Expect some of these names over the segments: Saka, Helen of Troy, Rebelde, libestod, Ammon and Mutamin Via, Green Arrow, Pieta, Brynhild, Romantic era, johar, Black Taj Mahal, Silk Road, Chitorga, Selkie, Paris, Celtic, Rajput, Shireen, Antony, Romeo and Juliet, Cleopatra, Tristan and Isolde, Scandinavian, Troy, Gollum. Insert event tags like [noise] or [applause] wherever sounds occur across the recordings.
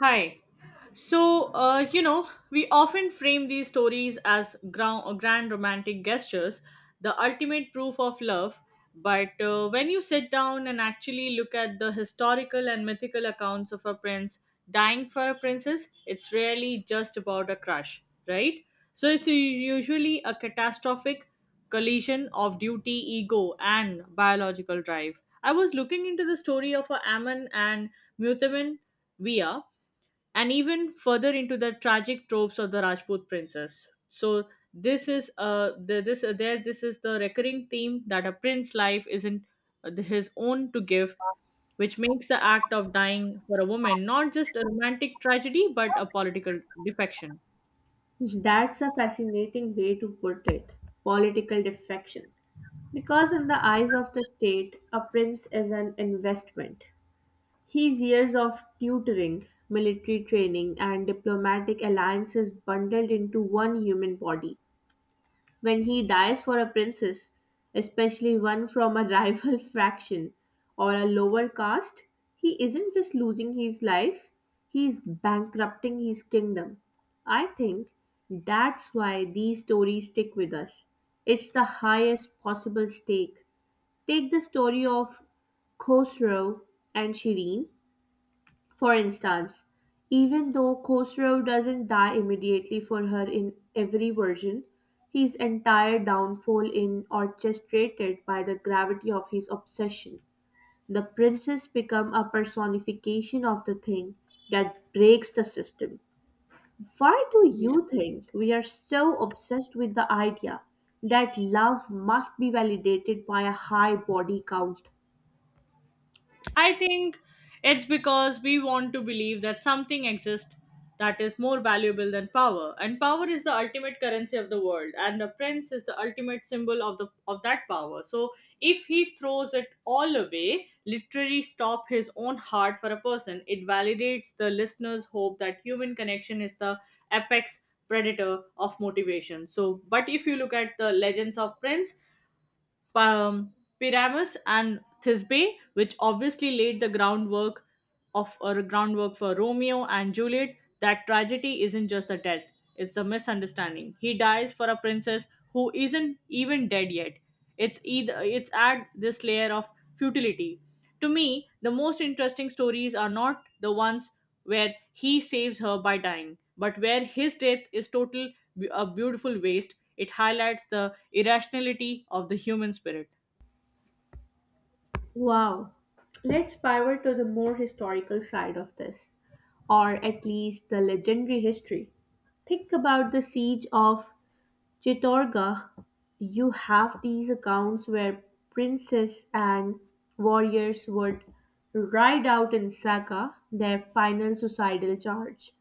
Hi. So, we often frame these stories as grand romantic gestures, the ultimate proof of love. But when you sit down and actually look at the historical and mythical accounts of a prince dying for a princess, it's rarely just about a crush, right? So, it's usually a catastrophic collision of duty, ego, and biological drive. I was looking into the story of a Ammon and Mutamin Via and even further into the tragic tropes of the Rajput princess. So this is the, this there this is the recurring theme that a prince life isn't his own to give, which makes the act of dying for a woman not just a romantic tragedy but a political defection. That's a fascinating way to put it, political defection. Because, in the eyes of the state, a prince is an investment. His years of tutoring, military training, and diplomatic alliances bundled into one human body. When he dies for a princess, especially one from a [laughs] rival faction or a lower caste, he isn't just losing his life, he's bankrupting his kingdom. I think that's why these stories stick with us. It's the highest possible stake. Take the story of Khosrow and Shireen. For instance, even though Khosrow doesn't die immediately for her in every version, his entire downfall is orchestrated by the gravity of his obsession. The princess becomes a personification of the thing that breaks the system. Why do Yes. you think we are so obsessed with the idea that love must be validated by a high body count? I think it's because we want to believe that something exists that is more valuable than power, and power is the ultimate currency of the world, and the prince is the ultimate symbol of the of that power. So if he throws it all away, literally stop his own heart for a person, it validates the listener's hope that human connection is the apex predator of motivation. So, but if you look at the legends of prince um, Pyramus and Thisbe, which obviously laid the groundwork of or groundwork for Romeo and Juliet. That tragedy isn't just the death; it's the misunderstanding. He dies for a princess who isn't even dead yet. It's either it's add this layer of futility. To me, the most interesting stories are not the ones where he saves her by dying, but where his death is total a beautiful waste. It highlights the irrationality of the human spirit. Wow. Let's pivot to the more historical side of this, or at least the legendary history. Think about the siege of Chitorga. You have these accounts where princes and warriors would ride out in Saka their final suicidal charge,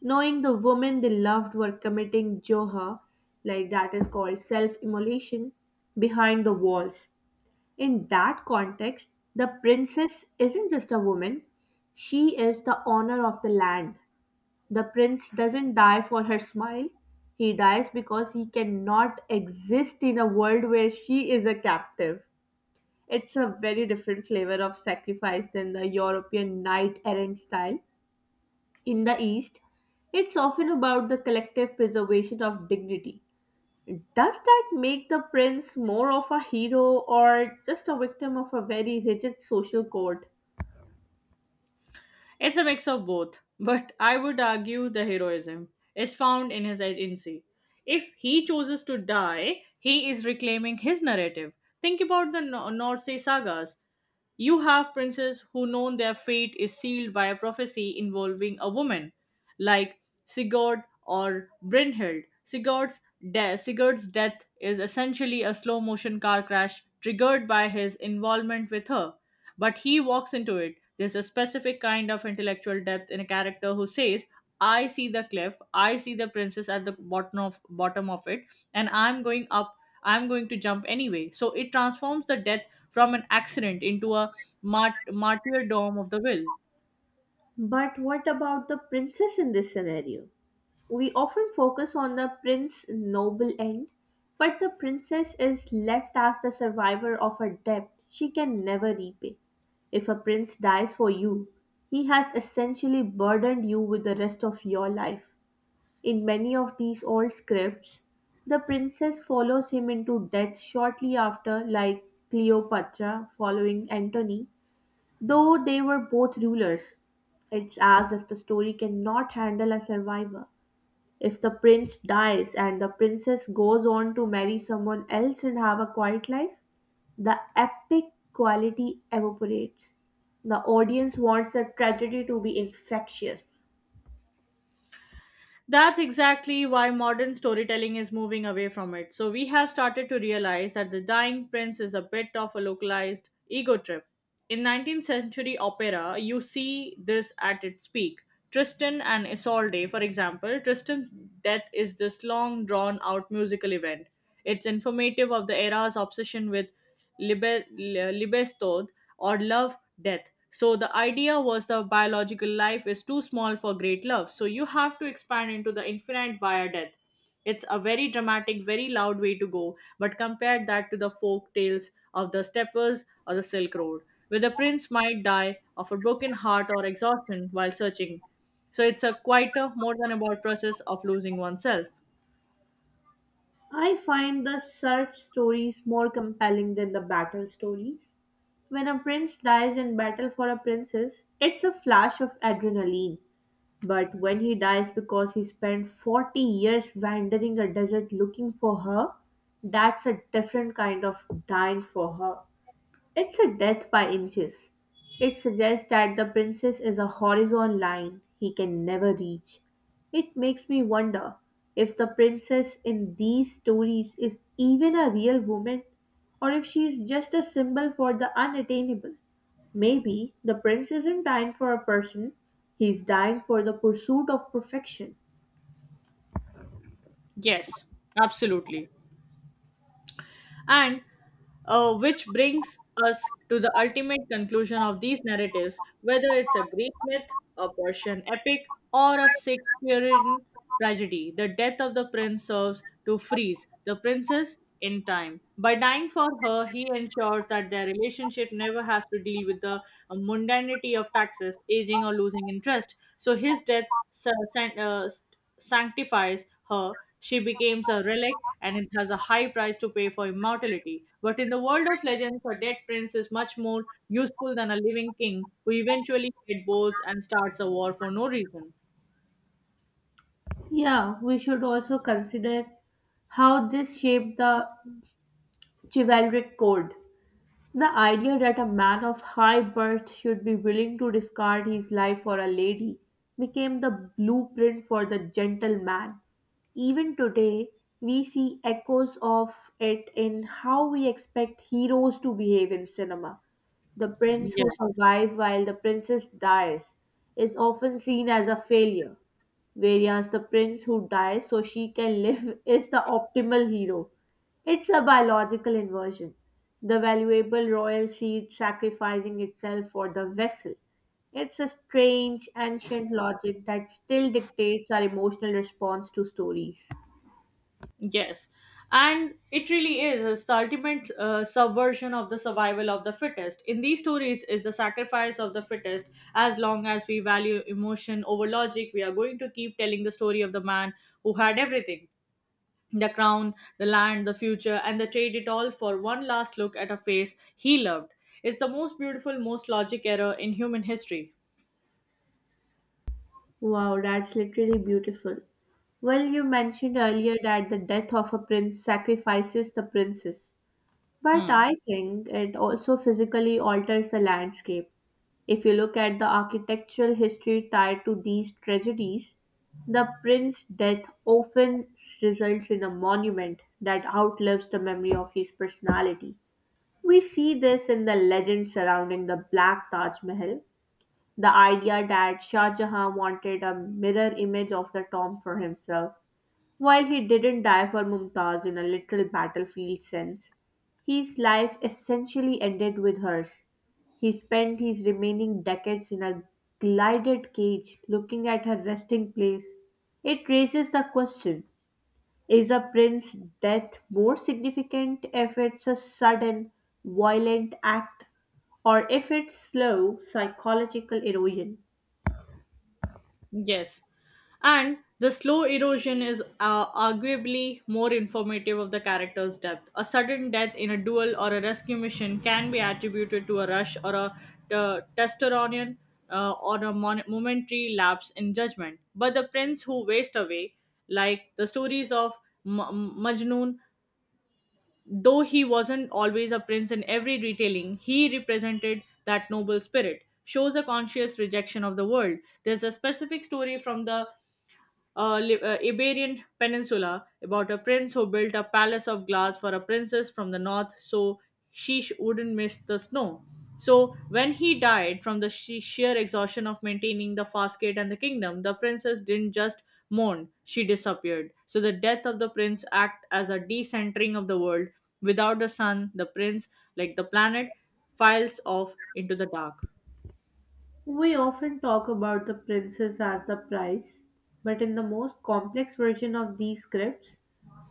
knowing the women they loved were committing johar, like that is called self immolation, behind the walls. In that context, the princess isn't just a woman, she is the honor of the land. The prince doesn't die for her smile, he dies because he cannot exist in a world where she is a captive. It's a very different flavor of sacrifice than the European knight errant style. In the East, it's often about the collective preservation of dignity. Does that make the prince more of a hero or just a victim of a very rigid social code? It's a mix of both, but I would argue the heroism is found in his agency. If he chooses to die, he is reclaiming his narrative. Think about the North Sea sagas. You have princes who know their fate is sealed by a prophecy involving a woman, like Sigurd or Brynhild. Sigurd's death is essentially a slow motion car crash triggered by his involvement with her. But he walks into it. There's a specific kind of intellectual depth in a character who says, I see the cliff, I see the princess at the bottom of it, and I'm going to jump anyway. So it transforms the death from an accident into a martyrdom of the will. But what about the princess in this scenario? We often focus on the prince's noble end, but the princess is left as the survivor of a debt she can never repay. If a prince dies for you, he has essentially burdened you with the rest of your life. In many of these old scripts, the princess follows him into death shortly after, like Cleopatra following Antony, though they were both rulers. It's as if the story cannot handle a survivor. If the prince dies and the princess goes on to marry someone else and have a quiet life, the epic quality evaporates. The audience wants the tragedy to be infectious. That's exactly why modern storytelling is moving away from it. So we have started to realize that the dying prince is a bit of a localized ego trip. In 19th century opera, you see this at its peak. Tristan and Isolde, for example, Tristan's death is this long drawn out musical event. It's informative of the era's obsession with libestod, or love death. So the idea was the biological life is too small for great love. So you have to expand into the infinite via death. It's a very dramatic, very loud way to go, but compare that to the folk tales of the steppers or the Silk Road, where the prince might die of a broken heart or exhaustion while searching. So it's a quieter, more than about process of losing oneself. I find the search stories more compelling than the battle stories. When a prince dies in battle for a princess, it's a flash of adrenaline. But when he dies because he spent 40 years wandering a desert looking for her, that's a different kind of dying for her. It's a death by inches. It suggests that the princess is a horizon line he can never reach. It makes me wonder if the princess in these stories is even a real woman or if she's just a symbol for the unattainable. Maybe the prince isn't dying for a person, he's dying for the pursuit of perfection. Yes, absolutely. And which brings us to the ultimate conclusion of these narratives, whether it's a Greek myth, a Persian epic, or a Shakespearean tragedy. The death of the prince serves to freeze the princess in time. By dying for her, he ensures that their relationship never has to deal with the mundanity of taxes, aging, or losing interest. So his death sanctifies her. She becomes a relic and it has a high price to pay for immortality. But in the world of legends, a dead prince is much more useful than a living king who eventually gets bored and starts a war for no reason. Yeah, we should also consider how this shaped the chivalric code. The idea that a man of high birth should be willing to discard his life for a lady became the blueprint for the gentleman. Even today, we see echoes of it in how we expect heroes to behave in cinema. The prince Yeah, who survives while the princess dies is often seen as a failure, whereas the prince who dies so she can live [laughs] is the optimal hero. It's a biological inversion. The valuable royal seed sacrificing itself for the vessel. It's a strange, ancient logic that still dictates our emotional response to stories. yes. And it really is. It's the ultimate subversion of the survival of the fittest. In these stories, is the sacrifice of the fittest. As long as we value emotion over logic, we are going to keep telling the story of the man who had everything. The crown, the land, the future, and they trade it all for one last look at a face he loved. It's the most beautiful, most logic error in human history. Wow, that's literally beautiful. Well, you mentioned earlier that the death of a prince sacrifices the princess, but Hmm. I think it also physically alters the landscape. If you look at the architectural history tied to these tragedies, the prince's death often results in a monument that outlives the memory of his personality. We see this in the legend surrounding the Black Taj Mahal, the idea that Shah Jahan wanted a mirror image of the tomb for himself. While he didn't die for Mumtaz in a literal battlefield sense, his life essentially ended with hers. He spent his remaining decades in a glided cage looking at her resting place. It raises the question, is a prince's death more significant if it's a sudden, violent act or if it's slow psychological erosion? Yes. And the slow erosion is arguably more informative of the character's depth. A sudden death in a duel or a rescue mission can be attributed to a rush or a t- testosterone or a momentary lapse in judgment. But the prince who waste away, like the stories of Majnun, though he wasn't always a prince in every retelling, he represented that noble spirit. Shows a conscious rejection of the world. There's a specific story from the Iberian Peninsula about a prince who built a palace of glass for a princess from the north so she wouldn't miss the snow. So, when he died from the sheer exhaustion of maintaining the fastgate and the kingdom, the princess didn't just mourn, she disappeared. So, the death of the prince act as a decentering of the world. Without the sun, the prince, like the planet, files off into the dark. We often talk about the princess as the prize, but in the most complex version of these scripts,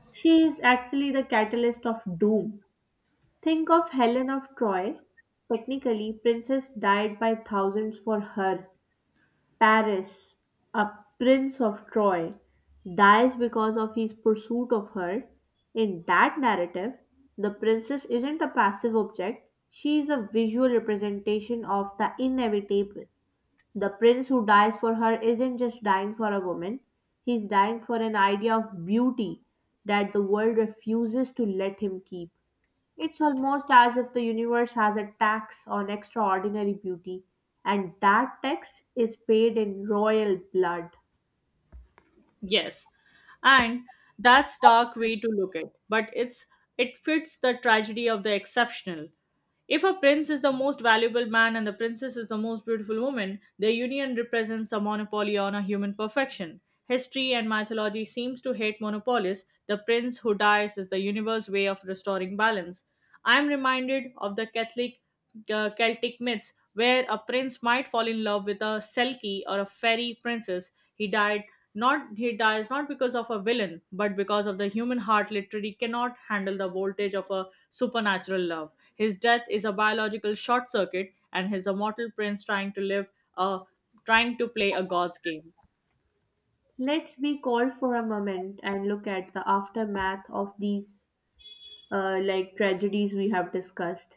she is actually the catalyst of doom. Think of Helen of Troy. Technically, princess died by thousands for her. Paris, a prince of Troy, dies because of his pursuit of her. In that narrative, the princess isn't a passive object, she is a visual representation of the inevitable. The prince who dies for her isn't just dying for a woman, he's dying for an idea of beauty that the world refuses to let him keep. It's almost as if the universe has a tax on extraordinary beauty, and that tax is paid in royal blood. Yes. And that's dark way to look at, but it fits the tragedy of the exceptional. If a prince is the most valuable man and the princess is the most beautiful woman, their union represents a monopoly on a human perfection. History and mythology seems to hate monopolies. The prince who dies is the universe's way of restoring balance. I am reminded of the Catholic Celtic myths, where a prince might fall in love with a Selkie or a fairy princess. He dies not because of a villain, but because of the human heart literally cannot handle the voltage of a supernatural love. His death is a biological short circuit, and he's a mortal prince a trying to play a god's game. Let's be called for a moment and look at the aftermath of these like tragedies we have discussed.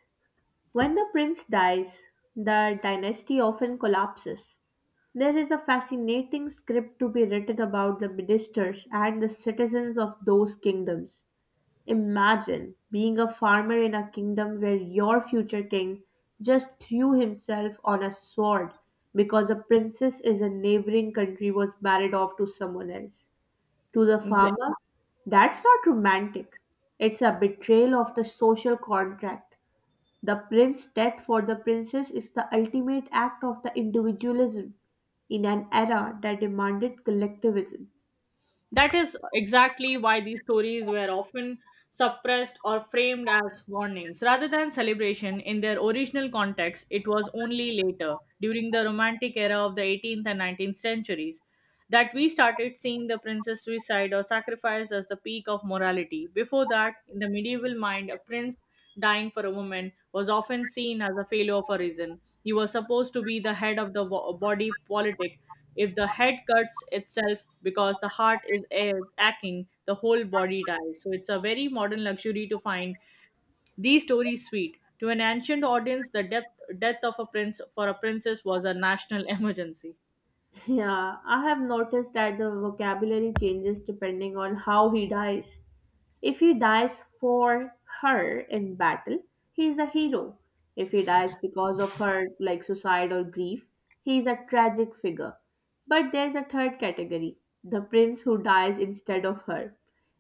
When the prince dies, the dynasty often collapses. There is a fascinating script to be written about the ministers and the citizens of those kingdoms. Imagine being a farmer in a kingdom where your future king just threw himself on a sword because a princess in a neighboring country was married off to someone else. To the Yeah. farmer, that's not romantic. It's a betrayal of the social contract. The prince's death for the princess is the ultimate act of the individualism in an era that demanded collectivism. That is exactly why these stories were often suppressed or framed as warnings. Rather than celebration in their original context, it was only later, during the Romantic era of the 18th and 19th centuries, that we started seeing the prince's suicide or sacrifice as the peak of morality. Before that, in the medieval mind, a prince dying for a woman was often seen as a failure for reason. He was supposed to be the head of the body politic. If the head cuts itself because the heart is aching, the whole body dies. So it's a very modern luxury to find these stories sweet. To an ancient audience, the death of a prince for a princess was a national [laughs] emergency. [laughs] Yeah, I have noticed that the vocabulary changes depending on how he dies. If he dies for her in battle, he is a hero. If he dies because of her, like suicide or grief, he is a tragic figure. But there's a third category, the prince who dies instead of her.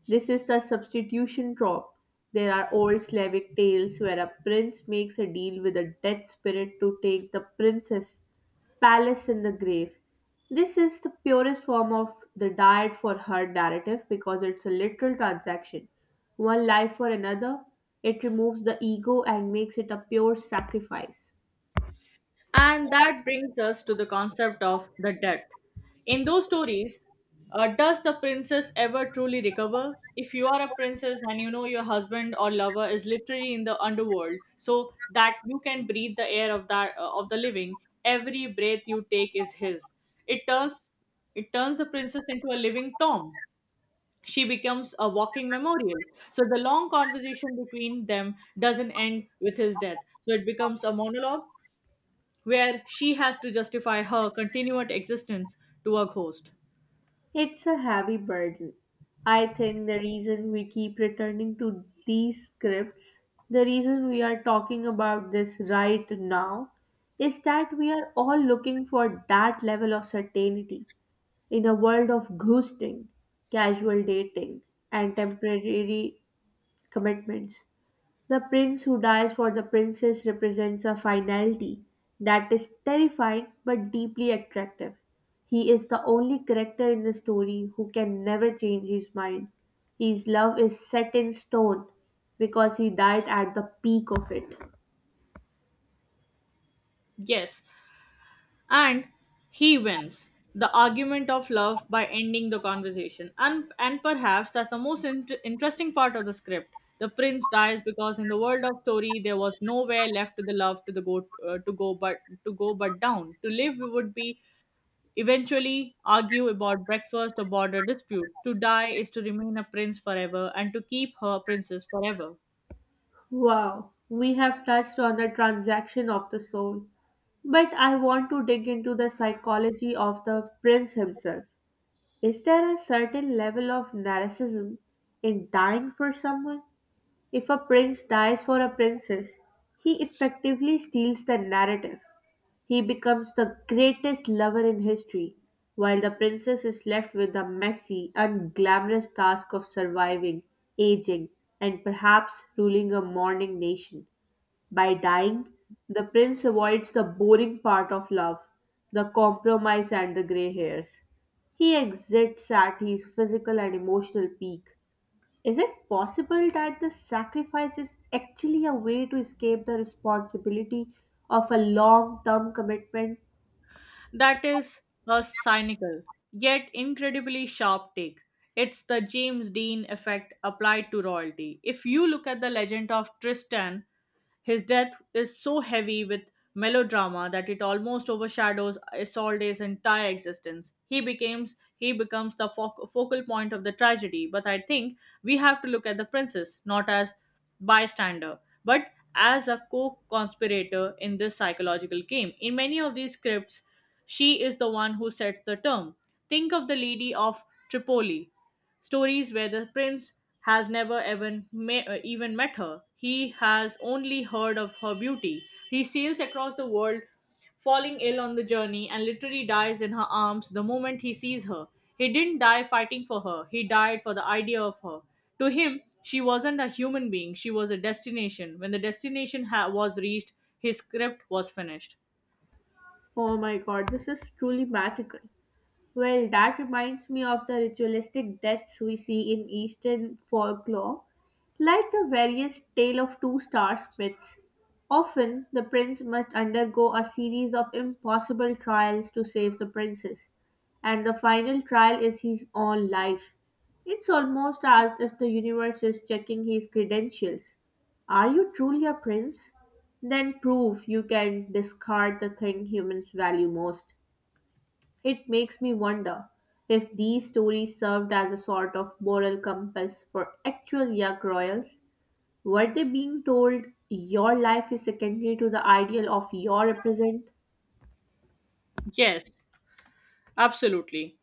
This is the substitution trope. There are old Slavic tales where a prince makes a deal with a dead spirit to take the princess Palace in the Grave. This is the purest form of the died for her narrative because it's a literal transaction. One life for another, it removes the ego and makes it a pure sacrifice. And that brings us to the concept of the debt. In those stories, does the princess ever truly recover? If you are a princess and you know your husband or lover is literally in the underworld, so that you can breathe the air of that of the living, every breath you take is his. It turns it turns the princess into a living tomb. She becomes a walking memorial. So the long conversation between them doesn't end with his death. So it becomes a monologue where she has to justify her continued existence to a ghost. It's a heavy burden. I think the reason we keep returning to these scripts, the reason we are talking about this right now, is that we are all looking for that level of certainty. In a world of ghosting, casual dating, and temporary commitments, the prince who dies for the princess represents a finality that is terrifying but deeply attractive. He is the only character in the story who can never change his mind. His love is set in stone because he died at the peak of it. Yes, and he wins the argument of love by ending the conversation. And perhaps that's the most interesting part of the script. The prince dies because in the world of story there was nowhere left to the love to the go to go but down. To live would be eventually argue about breakfast or border dispute. To die is to remain a prince forever and to keep her princess forever. Wow, we have touched on the transaction of the soul. But I want to dig into the psychology of the prince himself. Is there a certain level of narcissism in dying for someone? If a prince dies for a princess, he effectively steals the narrative. He becomes the greatest lover in history, while the princess is left with the messy, unglamorous task of surviving, aging, and perhaps ruling a mourning nation. By dying, the prince avoids the boring part of love, the compromise and the grey hairs. He exits at his physical and emotional peak. Is it possible that the sacrifice is actually a way to escape the responsibility of a long term commitment? That is a cynical, yet incredibly sharp take. It's the James Dean effect applied to royalty. If you look at the legend of Tristan, his death is so heavy with melodrama that it almost overshadows Isolde's entire existence. He becomes the focal point of the tragedy, but I think we have to look at the princess not as bystander but as a co conspirator in this psychological game. In many of these scripts, she is the one who sets the term. Think of the Lady of Tripoli, stories where the prince has never even met her. He has only heard of her beauty. He sails across the world falling ill on the journey and literally dies in her arms the moment he sees her. He didn't die fighting for her, he died for the idea of her. To him, she wasn't a human being, she was a destination. When the destination was reached, his script was finished. Oh my god, this is truly magical. Well, that reminds me of the ritualistic deaths we see in Eastern folklore, like the various tale of two stars myths. Often, the prince must undergo a series of impossible trials to save the princess, and the final trial is his own life. It's almost as if the universe is checking his credentials. Are you truly a prince? Then prove you can discard the thing humans value most. It makes me wonder if these stories served as a sort of moral compass for actual Yug royals. Were they being told your life is secondary to the ideal of your represent? Yes, absolutely.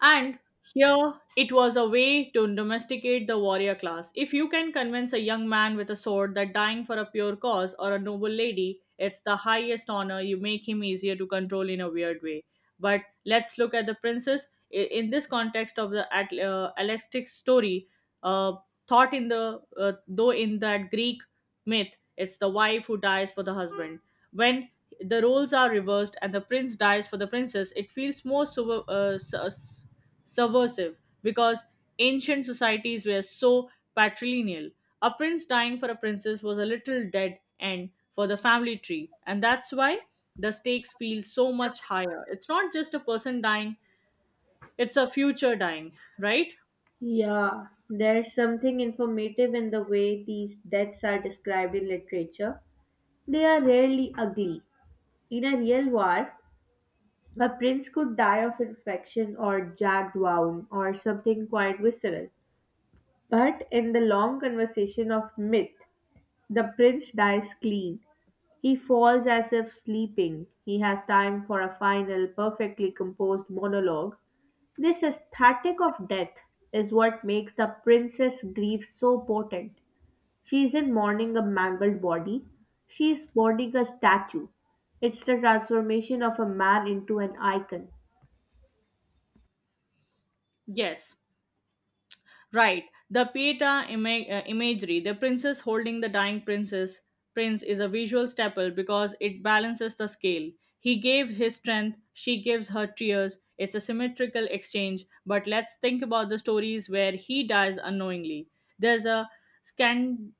And here it was a way to domesticate the warrior class. If you can convince a young man with a sword that dying for a pure cause or a noble lady, it's the highest honor, you make him easier to control in a weird way. But let's look at the princess. In this context of the Alextic's story, uh, though in that Greek myth, it's the wife who dies for the husband. When the roles are reversed and the prince dies for the princess, it feels more subversive because ancient societies were so patrilineal. A prince dying for a princess was a little dead end for the family tree, and that's why the stakes feel so much higher. It's not just a person dying, it's a future dying, right? Yeah, there's something informative in the way these deaths are described in literature. They are rarely ugly. In a real war, a prince could die of infection or jagged wound or something quite visceral. But in the long conversation of myth, the prince dies clean; he falls as if sleeping; he has time for a final, perfectly composed monologue. This aesthetic of death is what makes the Princess Grief so potent. She isn't mourning a mangled body, she is mourning a statue. It's the transformation of a man into an icon. Yes. Right, the Pieta imagery, the princess holding the dying princess prince is a visual staple because it balances the scale. He gave his strength, she gives her tears. It's a symmetrical exchange, but let's think about the stories where he dies unknowingly. There's a Scandinavian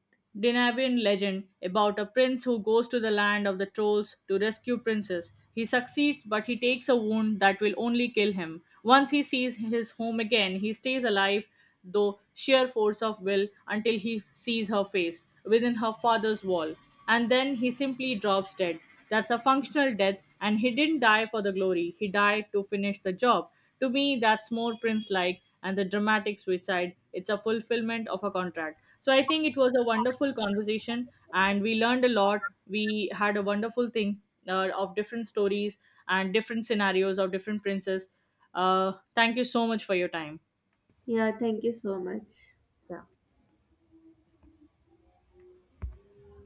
legend about a prince who goes to the land of the trolls to rescue princess. He succeeds, but he takes a wound that will only kill him. Once he sees his home again, he stays alive though sheer force of will until he sees her face within her father's wall, and then he simply drops dead. That's a functional death, and he didn't die for the glory, he died to finish the job. To me, that's more prince like and the dramatic suicide, it's a fulfillment of a contract. So I think it was a wonderful conversation and we learned a lot. We had a wonderful thing of different stories and different scenarios of different princes. Thank you so much for your time. Yeah, thank you so much. Yeah.